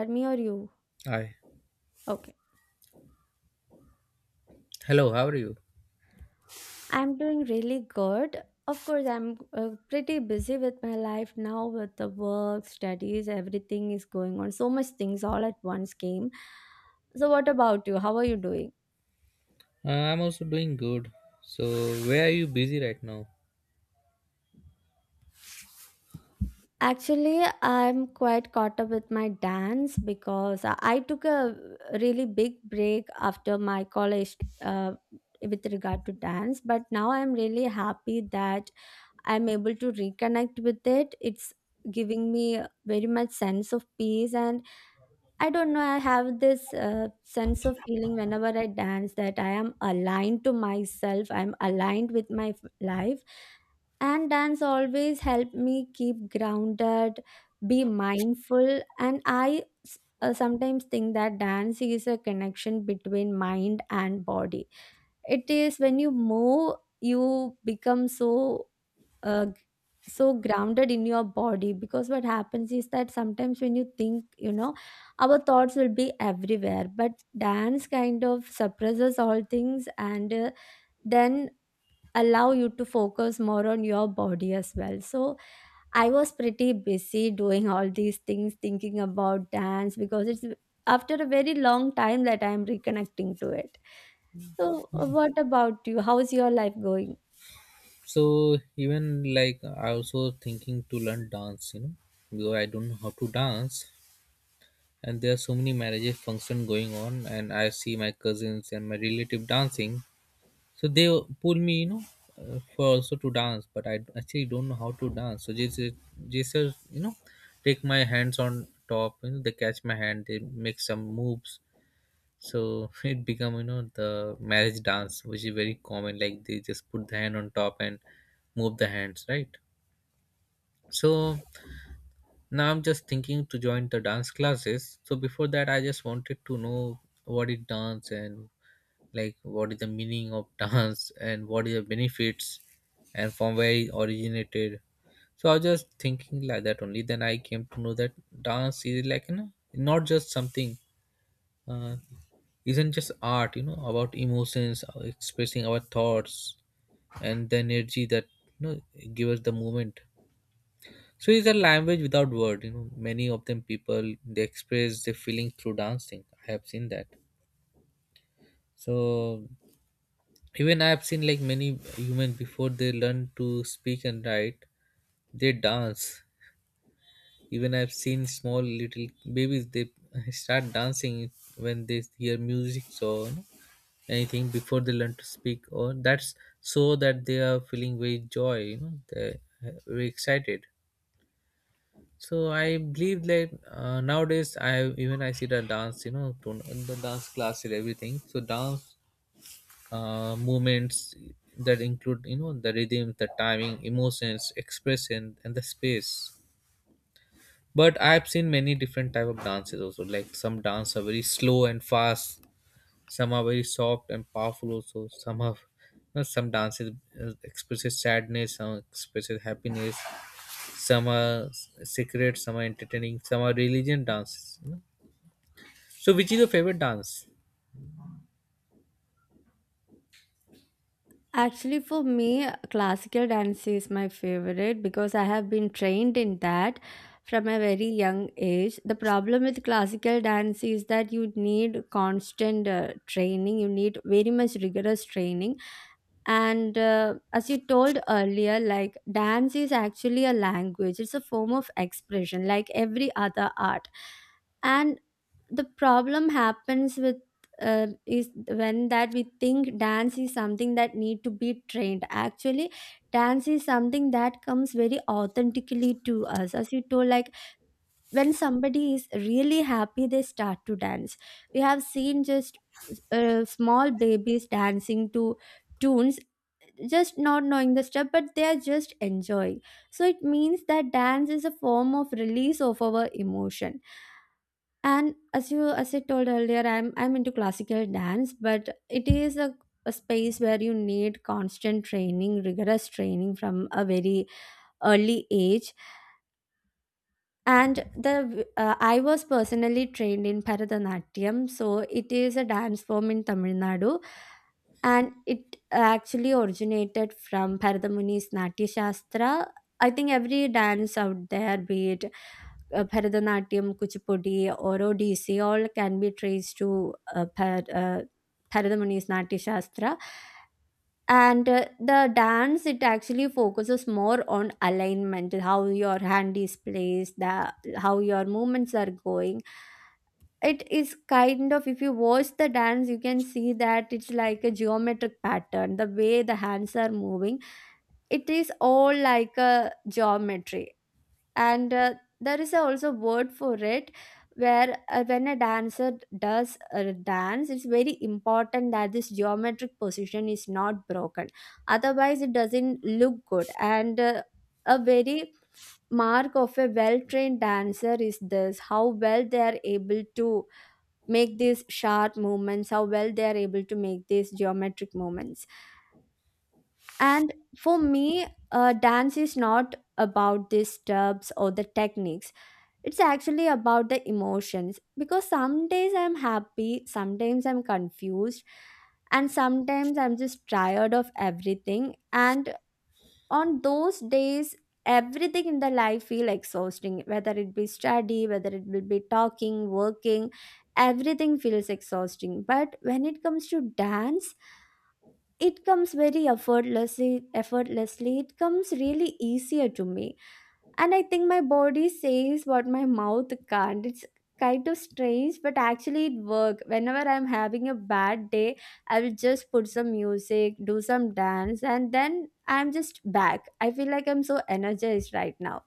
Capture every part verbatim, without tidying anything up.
Or me or you? Hi. Okay. Hello, how are you? I'm doing really good. Of course, I'm uh, pretty busy with my life now with the work, studies, everything is going on. So much things all at once came. So, what about you? How are you doing? Uh, I'm also doing good. So, where are you busy right now? Actually, I'm quite caught up with my dance because I I took a really big break after my college uh, with regard to dance, but now I'm really happy that I'm able to reconnect with it. It's giving me a very much sense of peace. And I don't know, I have this uh, sense of feeling whenever I dance that I am aligned to myself, I'm aligned with my f- life. And dance always helped me keep grounded, be mindful. And i s- uh, sometimes think that dance is a connection between mind and body. It is when you move, you become so uh, g- so grounded in your body, because what happens is that sometimes when you think you know our thoughts will be everywhere, but dance kind of suppresses all things and uh, then allow you to focus more on your body as well. So I was pretty busy doing all these things, thinking about dance, because it's after a very long time that I'm reconnecting to it. So, uh, what about you? How's your life going? So, even like I also thinking to learn dance, you know, because I don't know how to dance, and there are so many marriages function going on, and I see my cousins and my relative dancing. So they pull me, you know, uh, for also to dance, but I actually don't know how to dance. So just just you know, take my hands on top, you know, they catch my hand, they make some moves so it become you know the marriage dance which is very common like they just put the hand on top and move the hands right. So now I'm just thinking to join the dance classes. So before that I just wanted to know what is dance and like what is the meaning of dance and what is the benefits and from where it originated. So I was just thinking like that only then I came to know that dance is like you know not just something. Uh, isn't just art you know about emotions uh, expressing our thoughts and the energy that you know give us the moment. So it's a language without word you know many of them people they express their feeling through dancing, I have seen that. So even I have seen like many humans before they learn to speak and write they dance. Even I've seen small little babies they start dancing when they hear music so you know, anything before they learn to speak or that's so that they are feeling very joy you know they're very excited. So I believe like uh, nowadays i even i see the dance you know to- in the dance class and everything so dance uh, movements that include you know the rhythm the timing emotions expression and the space. But I've seen many different type of dances also like some dance are very slow and fast, some are very soft and powerful also, some have you know, some dances uh, expresses sadness, some expresses happiness, some are s- secret, some are entertaining, some are religion dances you know. So which is your favorite dance? Actually, for me, classical dance is my favorite, because I have been trained in that from a very young age. The problem with classical dance is that you need constant uh, training, you need very much rigorous training. And uh, as you told earlier, like dance is actually a language, it's a form of expression, like every other art. And the problem happens with uh, is when that we think dance is something that need to be trained. Actually dance is something that comes very authentically to us, as you told, like when somebody is really happy, they start to dance. We have seen just uh, small babies dancing to tunes, just not knowing the step, but they are just enjoying. So it means that dance is a form of release of our emotion. And as you as I told earlier, i'm i'm into classical dance, but it is a, a space where you need constant training, rigorous training from a very early age. And the uh, I was personally trained in Bharatanatyam, so it is a dance form in Tamil Nadu, and it actually originated from Bharatamuni's Natya Shastra. I think every dance out there, be it uh, Bharatanatyam, Kuchipudi, or Odissi, all can be traced to uh, Bhar- uh, Bharatamuni's Natya Shastra. And uh, the dance, it actually focuses more on alignment, how your hand is placed, the how your movements are going. It is kind of, if you watch the dance, you can see that it's like a geometric pattern, the way the hands are moving. It is all like a geometry. And uh, there is a also word for it, where uh, when a dancer does a dance, it's very important that this geometric position is not broken, otherwise it doesn't look good. And uh, a very mark of a well trained dancer is this, how well they are able to make these sharp movements, how well they are able to make these geometric movements. And for me, uh, dance is not about these steps or the techniques, it's actually about the emotions, because some days I'm happy, sometimes I'm confused, and sometimes I'm just tired of everything. And on those days, everything in the life feel exhausting, whether it be study, whether it will be talking, working, everything feels exhausting. But when it comes to dance, it comes very effortlessly effortlessly it comes really easier to me. And I think my body says what my mouth can't. It's kind of strange, but actually it works. Whenever I'm having a bad day, I will just put some music, do some dance, and then I'm just back. I feel like I'm so energized right now.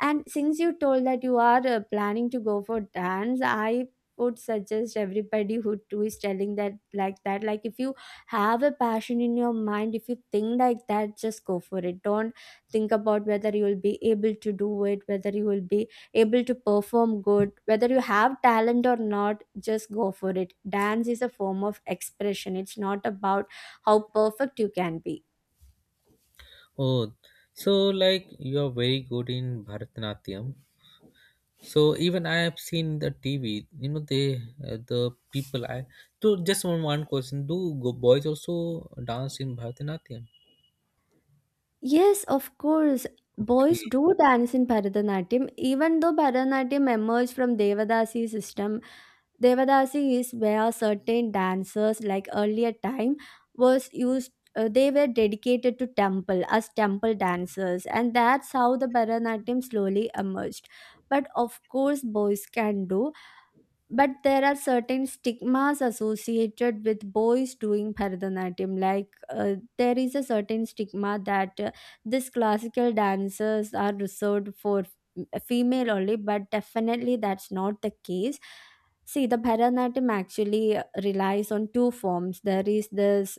And since you told that you are uh, planning to go for dance, I would suggest everybody who too is telling that, like that, like if you have a passion in your mind, if you think like that, just go for it. Don't think about whether you will be able to do it, whether you will be able to perform good, whether you have talent or not, just go for it. Dance is a form of expression, it's not about how perfect you can be. Oh, so like you are very good in Bharatanatyam. So even I have seen the TV you know they uh, the people I so just one one question, do go boys also dance in Bharatanatyam? Yes, of course. Boys Okay. do dance in Bharatanatyam, even though Bharatanatyam emerged from Devadasi system. Devadasi is where certain dancers, like earlier time, was used. Uh, they were dedicated to temple as temple dancers, and that's how the Bharatanatyam slowly emerged. But of course, boys can do, but there are certain stigmas associated with boys doing Bharatanatyam. Like uh, there is a certain stigma that uh, these classical dances are reserved for f- uh, female only, but definitely that's not the case. See, the Bharatanatyam actually uh, relies on two forms. There is this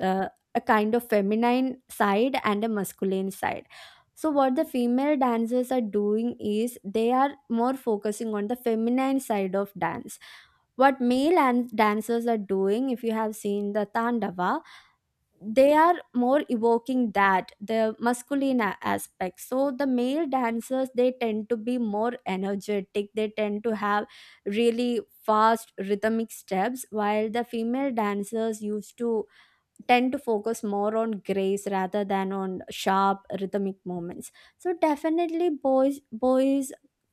uh, a kind of feminine side and a masculine side. So what the female dancers are doing is they are more focusing on the feminine side of dance. What male and dancers are doing, if you have seen the tandava, they are more evoking that the masculine a- aspect. So the male dancers, they tend to be more energetic, they tend to have really fast rhythmic steps, while the female dancers used to tend to focus more on grace rather than on sharp rhythmic movements. So definitely boys boys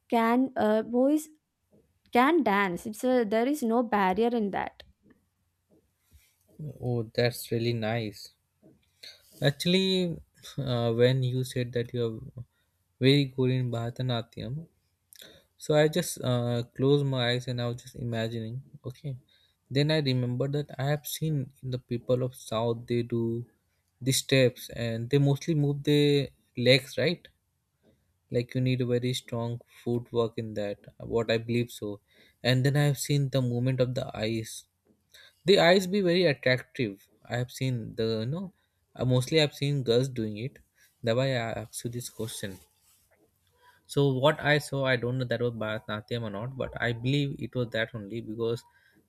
can, uh, boys can dance. It's a, there is no barrier in that. Oh, that's really nice. Actually, uh, when you said that you are very good in Bharatanatyam, so I just uh, closed my eyes and I was just imagining. Okay, then I remember that I have seen in the people of South they do the steps and they mostly move their legs, right? Like you need a very strong footwork in that. What I believe so, and then I have seen the movement of the eyes the eyes be very attractive. I have seen the no, uh, mostly I've seen girls doing it. That's why I asked you this question. So what I saw, I don't know that was Bharatanatyam or not, but I believe it was that only because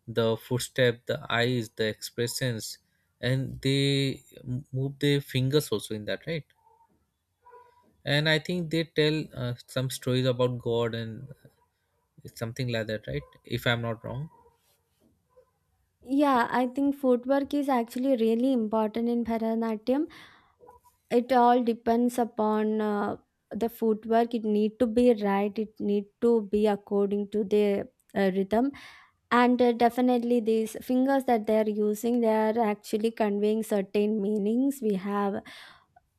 the footstep, the eyes, the expressions, and they m- move their fingers also in that, right? And I think they tell uh, some stories about God and something like that, right? If I'm not wrong. Yeah, I think footwork is actually really important in Bharatanatyam. It all depends upon uh, the footwork, it need to be right, it need to be according to the uh, rhythm. And uh, definitely these fingers that they are using, they are actually conveying certain meanings. We have,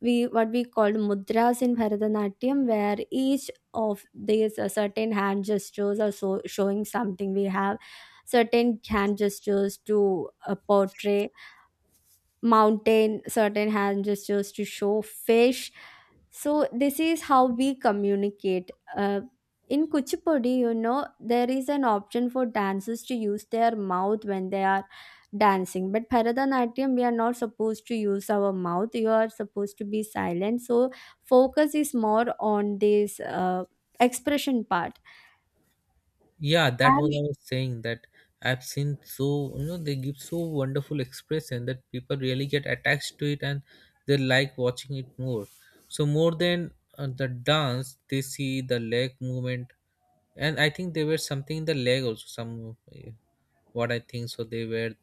we what we called mudras in Bharatanatyam, where each of these uh, certain hand gestures are so showing something. We have certain hand gestures to uh, portray mountain, certain hand gestures to show fish, so this is how we communicate. Uh, in Kuchipudi, you know, there is an option for dancers to use their mouth when they are dancing. But Bharatanatyam, we are not supposed to use our mouth. You are supposed to be silent. So focus is more on this uh, expression part. Yeah, that was And I was saying that I've seen so you know they give so wonderful expression that people really get attached to it and they like watching it more. So more than uh, the dance, they see the leg movement, and I think they were something in the leg also. Some uh, what I think so they were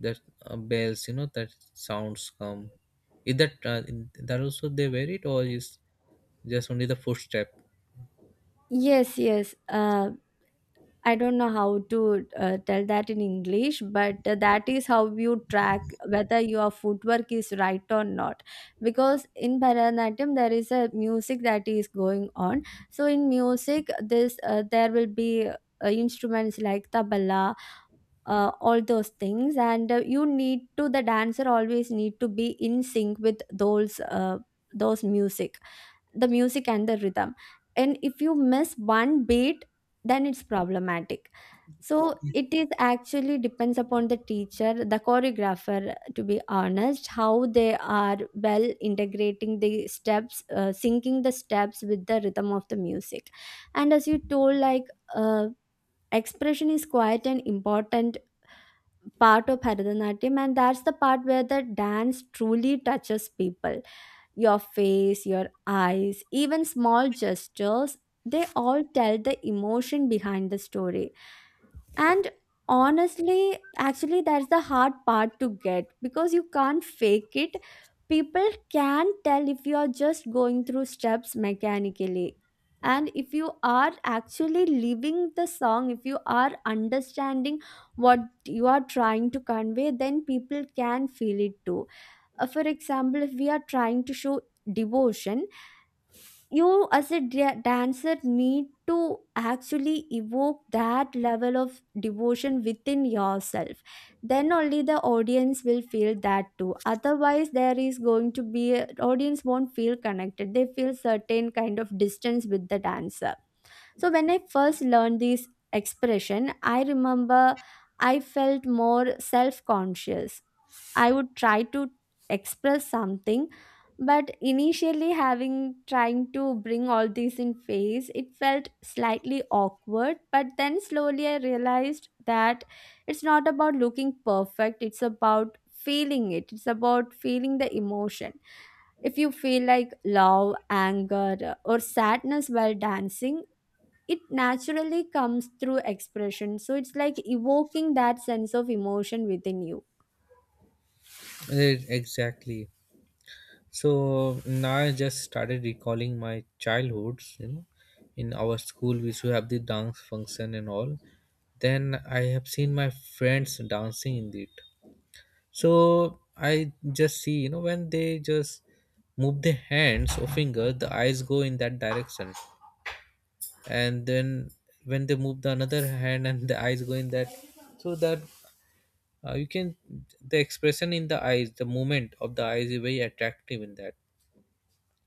the uh, bells, you know that sounds come. Is that uh, in, that also they wear it or is just only the footstep? yes, yes. Uh, I don't know how to uh, tell that in English, but uh, that is how you track whether your footwork is right or not. Because in Bharatanatyam, there is a music that is going on. So in music, this uh, there will be uh, instruments like tabla, uh, all those things, and uh, you need to, the dancer always need to be in sync with those uh, those music, the music and the rhythm. And if you miss one beat, then it's problematic. So it is actually depends upon the teacher, the choreographer, to be honest, how they are well integrating the steps, uh, syncing the steps with the rhythm of the music. And as you told, like uh, expression is quite an important part of Bharatanatyam, and that's the part where the dance truly touches people. Your face, your eyes, even small gestures, they all tell the emotion behind the story. And honestly, actually, that's the hard part to get, because you can't fake it. People can tell if you are just going through steps mechanically. And if you are actually living the song, if you are understanding what you are trying to convey, then people can feel it too. Uh, for example, if we are trying to show devotion, you as a da- dancer need to actually evoke that level of devotion within yourself. Then only the audience will feel that too. Otherwise, there is going to be a, audience won't feel connected. They feel certain kind of distance with the dancer. So when I first learned this expression, I remember I felt more self-conscious. I would try to express something, but initially having trying to bring all this in face, it felt slightly awkward, but then slowly I realized that it's not about looking perfect, it's about feeling it. It's about feeling the emotion. If you feel like love, anger, or sadness while dancing, it naturally comes through expression. So it's like evoking that sense of emotion within you. Eh, exactly. So now I just started recalling my childhoods, you know, in our school we used to have the dance function and all. Then I have seen my friends dancing in it. So I just see, you know, when they just move their hands or finger, the eyes go in that direction. And then when they move the another hand and the eyes go in that so that uh, you can the expression in the eyes, the movement of the eyes is very attractive in that.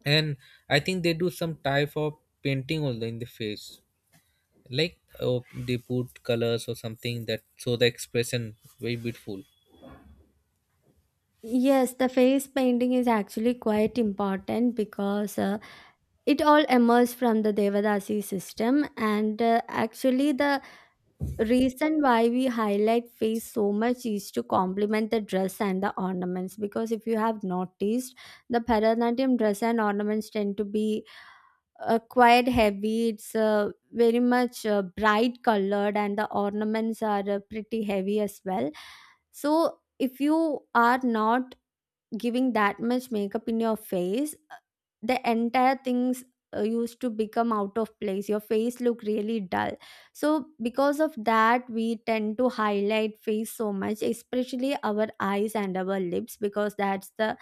And I think they do some type of painting also in the face like oh, they put colors or something that show the expression very beautiful. Yes, the face painting is actually quite important, because uh, it all emerged from the Devadasi system. And uh, actually the reason why we highlight face so much is to complement the dress and the ornaments, because if you have noticed, the Bharatanatyam dress and ornaments tend to be uh, quite heavy. It's uh, very much uh, bright colored, and the ornaments are uh, pretty heavy as well. So, if you are not giving that much makeup in your face, uh, the entire things uh, used to become out of place. Your face look really dull, so because of that we tend to highlight face so much, especially our eyes and our lips, because that's the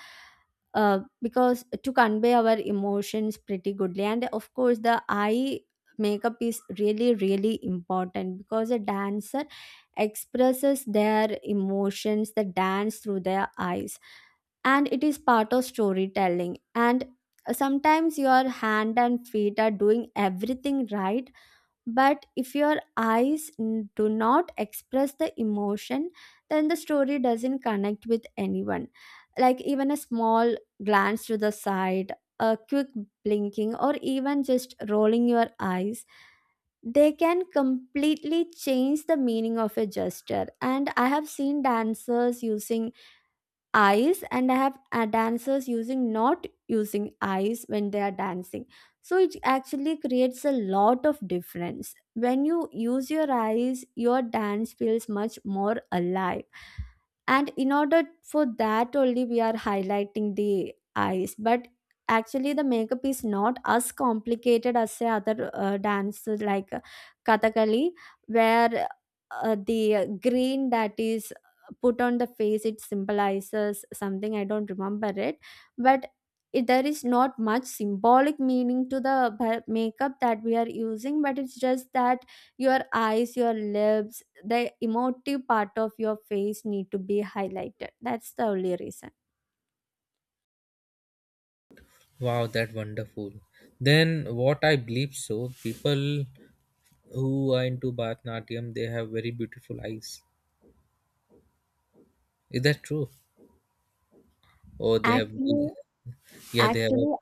uh, because to convey our emotions pretty goodly. And of course the eye makeup is really really important because a dancer expresses their emotions, the dance, through their eyes, and it is part of storytelling. And sometimes your hand and feet are doing everything right, but if your eyes n- do not express the emotion, then the story doesn't connect with anyone. Like even a small glance to the side, a quick blinking, or even just rolling your eyes, they can completely change the meaning of a gesture. And I have seen dancers using eyes, and I have uh, dancers using, not using eyes when they are dancing. So it actually creates a lot of difference. When you use your eyes, your dance feels much more alive, and in order for that only we are highlighting the eyes. But actually the makeup is not as complicated as, say, other uh, dances like uh, Kathakali, where uh, the green that is put on the face, it symbolizes something. I don't remember it. But it, there is not much symbolic meaning to the ba- makeup that we are using, but it's just that your eyes, your lips, the emotive part of your face need to be highlighted. That's the only reason. Wow, that wonderful. Then what I believe so people who are into Bharatanatyam they have very beautiful eyes, is that true or they have Actually, yeah they have a, actually,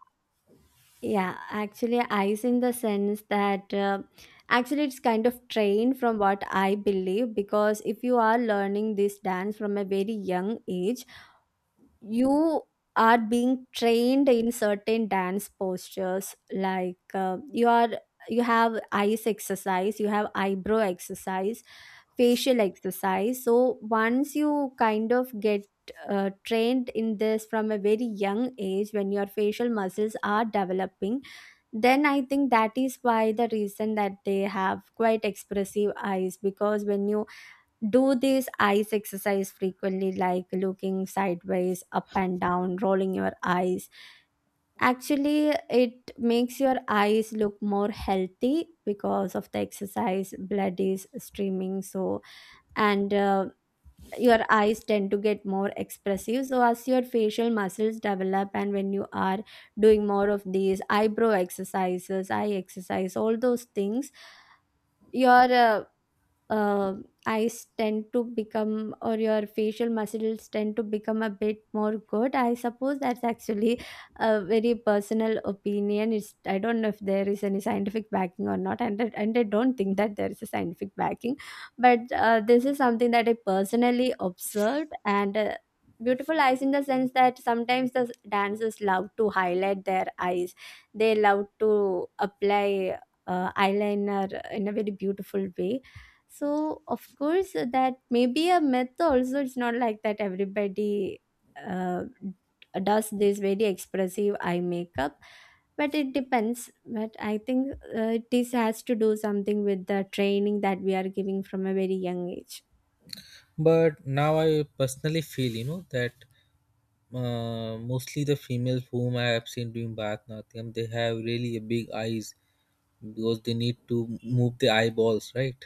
yeah, actually eyes in the sense that, uh, actually it's kind of trained, from what I believe, because if you are learning this dance from a very young age, you are being trained in certain dance postures. Like uh, you are, you have eyes exercise, you have eyebrow exercise, facial exercise. So once you kind of get uh, trained in this from a very young age, when your facial muscles are developing, then I think that is why, the reason that they have quite expressive eyes, because when you do this eyes exercise frequently, like looking sideways, up and down, rolling your eyes, actually it makes your eyes look more healthy because of the exercise. Blood is streaming, so, and uh, your eyes tend to get more expressive. So as your facial muscles develop, and when you are doing more of these eyebrow exercises, eye exercise, all those things, your uh, uh, eyes tend to become, or your facial muscles tend to become a bit more good, I suppose. That's actually a very personal opinion. It's, I don't know if there is any scientific backing or not, and, I- and I don't think that there is a scientific backing, but uh, this is something that I personally observed. And uh, beautiful eyes in the sense that sometimes the dancers love to highlight their eyes, they love to apply uh, eyeliner in a very beautiful way. So, of course, uh, that may be a myth also. It's not like that everybody uh, does this very expressive eye makeup, but it depends. But I think uh, this has to do something with the training that we are giving from a very young age. but now I personally feel you know that uh, mostly the females whom I have seen doing Bharatanatyam, they have really a big eyes because they need to move the eyeballs, right?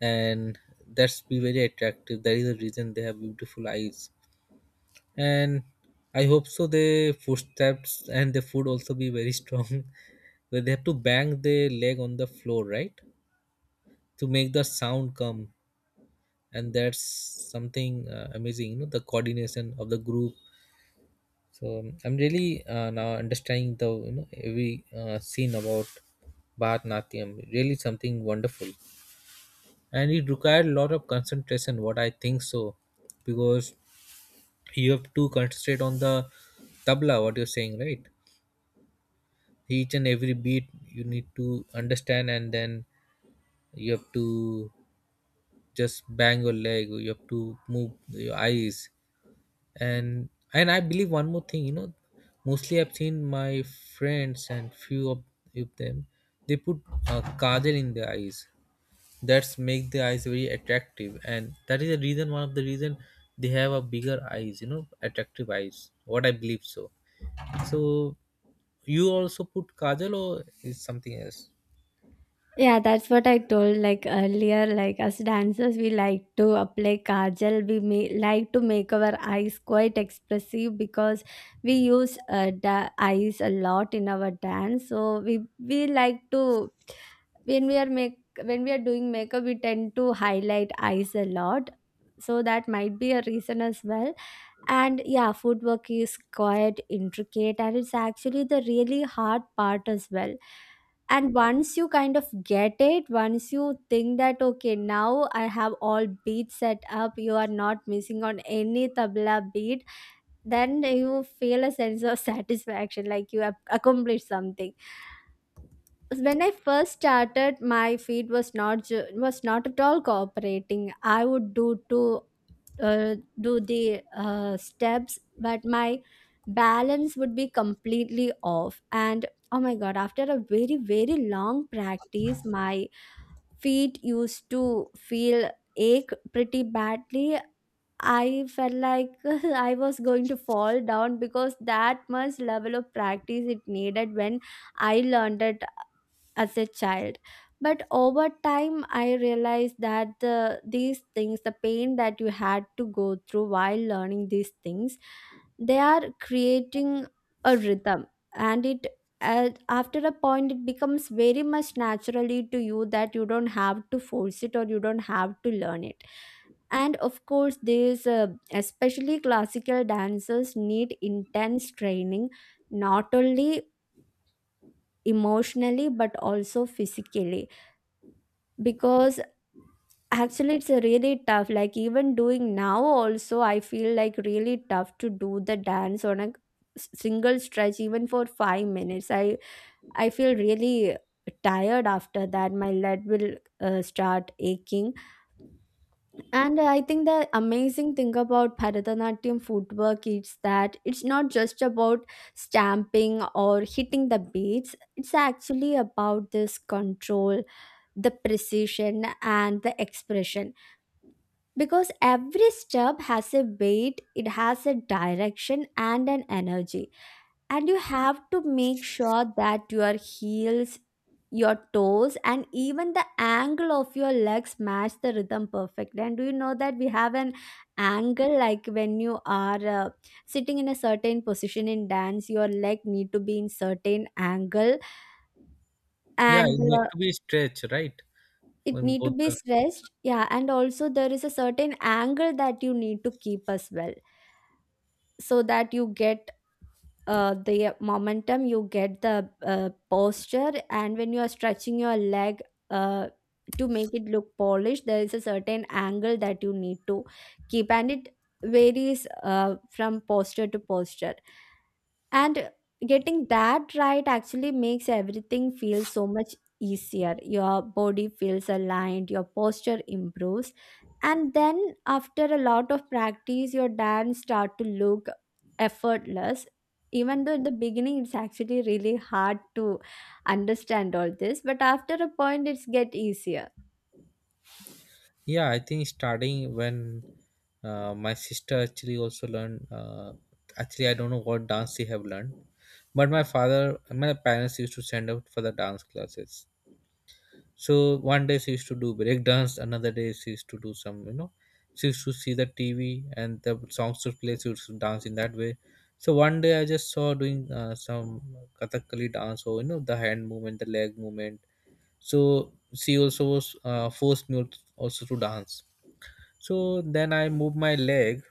And that's be very attractive. That is the reason they have beautiful eyes. And I hope so. Their footsteps and the foot also be very strong, where they have to bang their leg on the floor, right, to make the sound come. And that's something uh, amazing. You know, the coordination of the group. So um, I'm really uh, now understanding the you know every uh, scene about Bharatanatyam. Really something wonderful, and it required a lot of concentration. What I think so, because you have to concentrate on the tabla. What you're saying, right? Each and every beat you need to understand, and then you have to just bang your leg. You have to move your eyes. and and I believe one more thing you know mostly I've seen my friends and few of, of them they put uh, kajal in their eyes that's make the eyes very attractive and that is the reason, one of the reason they have a bigger eyes you know attractive eyes what I believe so. So you also put kajal or is something else? Yeah, that's what I told like earlier. Like as dancers, we like to apply kajal. We may, like, to make our eyes quite expressive, because we use uh, da- eyes a lot in our dance. So we we like to, when we are make, when we are doing makeup, we tend to highlight eyes a lot. So that might be a reason as well. And yeah, footwork is quite intricate, and it's actually the really hard part as well. And once you kind of get it, once you think that, okay, now I have all beats set up, you are not missing on any tabla beat, then you feel a sense of satisfaction, like you have accomplished something. When I first started, my feet was not ju- was not at all cooperating. I would do two, uh, do the uh, steps, but my balance would be completely off. And oh my god, after a very very long practice, my feet used to feel ache pretty badly. I felt like I was going to fall down, because that much level of practice it needed when I learned it as a child. But over time I realized that the, these things, the pain that you had to go through while learning these things, they are creating a rhythm. And it, uh, after a point, it becomes very much naturally to you, that you don't have to force it or you don't have to learn it. And of course these uh, especially classical dancers need intense training, not only emotionally but also physically, because actually it's a really tough. Like, even doing now also, I feel like really tough to do the dance on a s- single stretch even for five minutes. I i feel really tired after that. My leg will uh, start aching. And I think the amazing thing about Bharatanatyam footwork is that it's not just about stamping or hitting the beats. It's actually about this control, the precision, and the expression, because every step has a weight, it has a direction and an energy. And you have to make sure that your heels, your toes, and even the angle of your legs match the rhythm perfectly. And do you know that we have an angle, like when you are uh, sitting in a certain position in dance, your leg need to be in certain angle. Yeah, And it need uh, to be stretched right it on need to both be the. stressed. Yeah, and also there is a certain angle that you need to keep as well, so that you get uh, the momentum, you get the uh, posture. And when you are stretching your leg, uh, to make it look polished, there is a certain angle that you need to keep, and it varies uh, from posture to posture. And getting that right actually makes everything feel so much easier. Your body feels aligned, your posture improves, and then after a lot of practice, your dance start to look effortless, even though in the beginning it's actually really hard to understand all this. But after a point, it's get easier. Yeah, I think starting when uh, my sister actually also learned. Uh, actually, I don't know what dance they have learned, but my father, my parents used to send out for the dance classes. So one day she used to do break dance, another day she used to do some, you know, she used to see the T V and the songs would play. She used to dance in that way. So one day I just saw doing uh, some Kathakali dance, or you know, the hand movement, the leg movement. So she also was uh, forced me also to dance. So then I moved my leg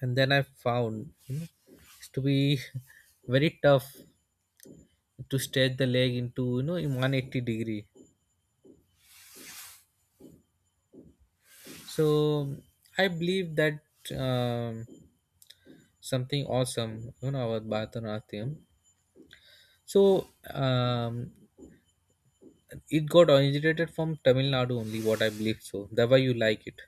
and then I found you know it's to be very tough to stretch the leg into you know in one hundred eighty degree. So I believe that um, something awesome you know about Bharatanatyam. So um, it got originated from Tamil Nadu only what I believe so, that why you like it.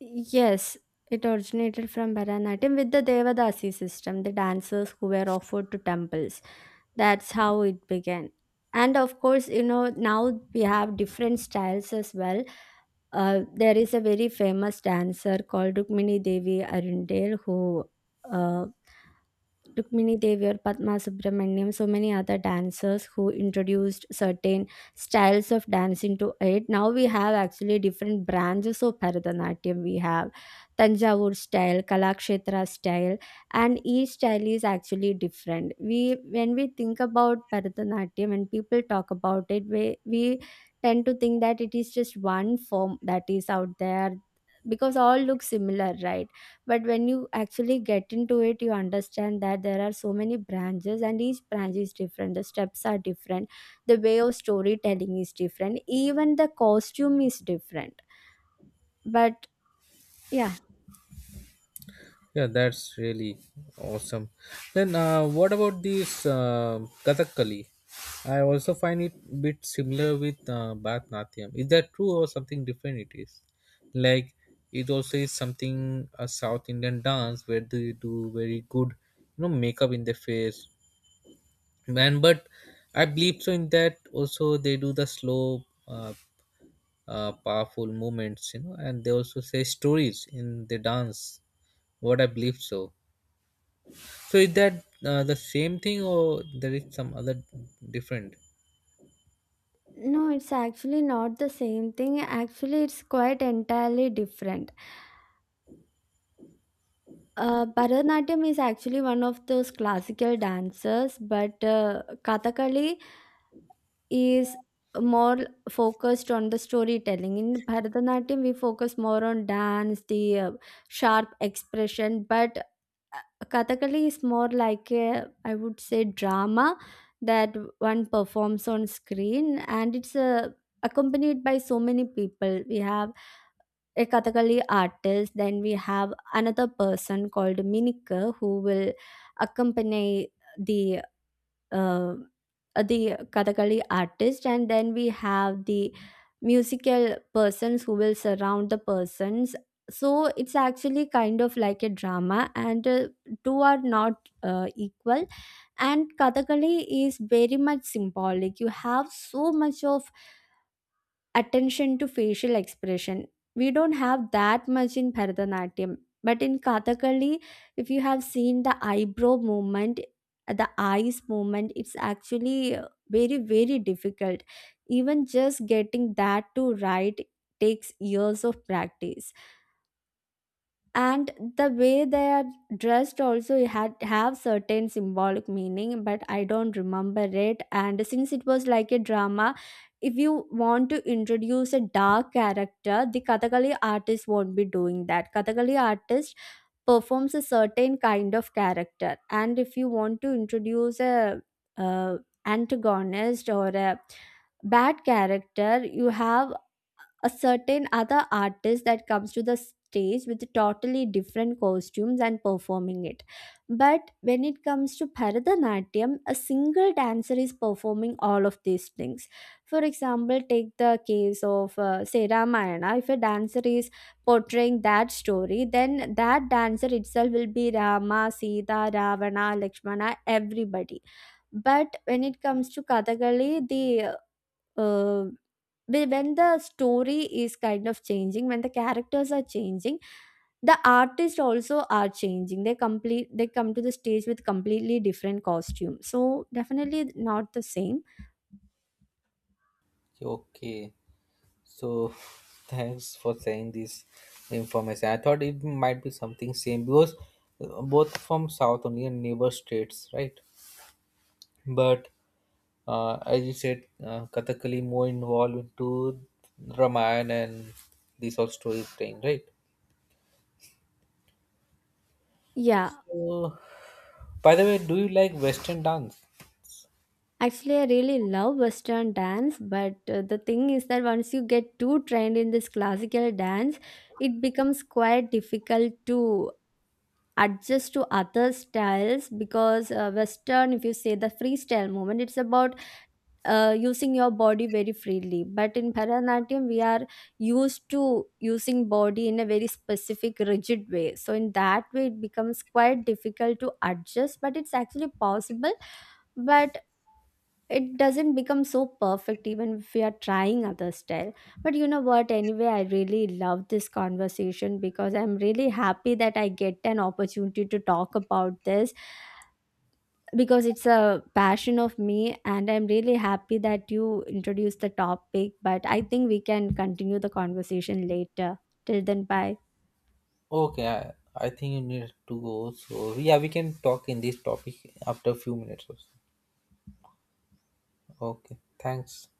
Yes, it originated from Bharatanatyam with the Devadasi system, the dancers who were offered to temples. That's how it began. And of course, you know, now we have different styles as well. Uh, there is a very famous dancer called Rukmini Devi Arundel, who uh, Rukmini Deviar, Padma Subramaniam, so many other dancers who introduced certain styles of dance into it. Now we have actually different branches of Bharatanatyam. We have Tanjavur style, Kalakshetra style, and each style is actually different. We, when we think about Bharatanatyam, when people talk about it, we we tend to think that it is just one form that is out there, because all look similar, right? But when you actually get into it, you understand that there are so many branches, and each branch is different. The steps are different, the way of storytelling is different, even the costume is different. But yeah. Yeah, that's really awesome. Then, uh, what about this uh, Kathakali? I also find it bit similar with uh, Bharatanatyam. Is that true or something different? It is like it also is something a South Indian dance where they do very good, you know, makeup in their face. Man, but I believe so in that also they do the slow, uh, uh, powerful movements, you know, and they also say stories in the dance. What I believe so. So is that uh, the same thing or there is some other different? No, it's actually not the same thing. Actually, it's quite entirely different. uh, Bharatanatyam is actually one of those classical dances, but uh, Kathakali is more focused on the storytelling. In Bharatanatyam, we focus more on dance, the uh, sharp expression. But uh, Kathakali is more like a, I would say, drama that one performs on screen, and it's uh, accompanied by so many people. We have a Kathakali artist, then we have another person called Minika who will accompany the uh, the Kathakali artist, and then we have the musical persons who will surround the persons. So it's actually kind of like a drama, and uh, two are not uh, equal. And Kathakali is very much symbolic. You have so much of attention to facial expression. We don't have that much in Bharatanatyam. But in Kathakali, if you have seen the eyebrow movement, the eyes movement, it's actually uh, very, very difficult. Even just getting that to right takes years of practice. And the way they are dressed also had have certain symbolic meaning, but I don't remember it. And since it was like a drama, if you want to introduce a dark character, the Kathakali artist won't be doing that. Kathakali artist performs a certain kind of character, and if you want to introduce a uh, antagonist or a bad character, you have a certain other artist that comes to the stage with totally different costumes and performing it. But when it comes to Bharatanatyam, a single dancer is performing all of these things. For example, take the case of uh, say, Ramayana. If a dancer is portraying that story, then that dancer itself will be Rama, Sita, Ravana, Lakshmana, everybody. But when it comes to Kathakali, the uh, whe- when the story is kind of changing, when the characters are changing, the artists also are changing. They complete, they come to the stage with completely different costume. So definitely not the same. Okay, so thanks for sharing this information. I thought it might be something same because uh, both from South India and neighbor states, right? But uh, as you said, uh, Kathakali more involved into Ramayana and this whole story thing, right? Yeah, So, by the way, do you like Western dance? actually I really love Western dance, but uh, the thing is that once you get too trained in this classical dance, it becomes quite difficult to adjust to other styles, because uh, Western, if you say the freestyle movement, it's about uh, using your body very freely, but in Bharatanatyam we are used to using body in a very specific rigid way. So in that way it becomes quite difficult to adjust, but it's actually possible. But it doesn't become so perfect even if we are trying other style. But you know what, anyway, I really love this conversation, because I'm really happy that I get an opportunity to talk about this, because it's a passion of me. And I'm really happy that you introduced the topic, but I think we can continue the conversation later. Till then, bye. Okay, I, I think you need to go. So yeah, we can talk in this topic after a few minutes or so. Okay, thanks.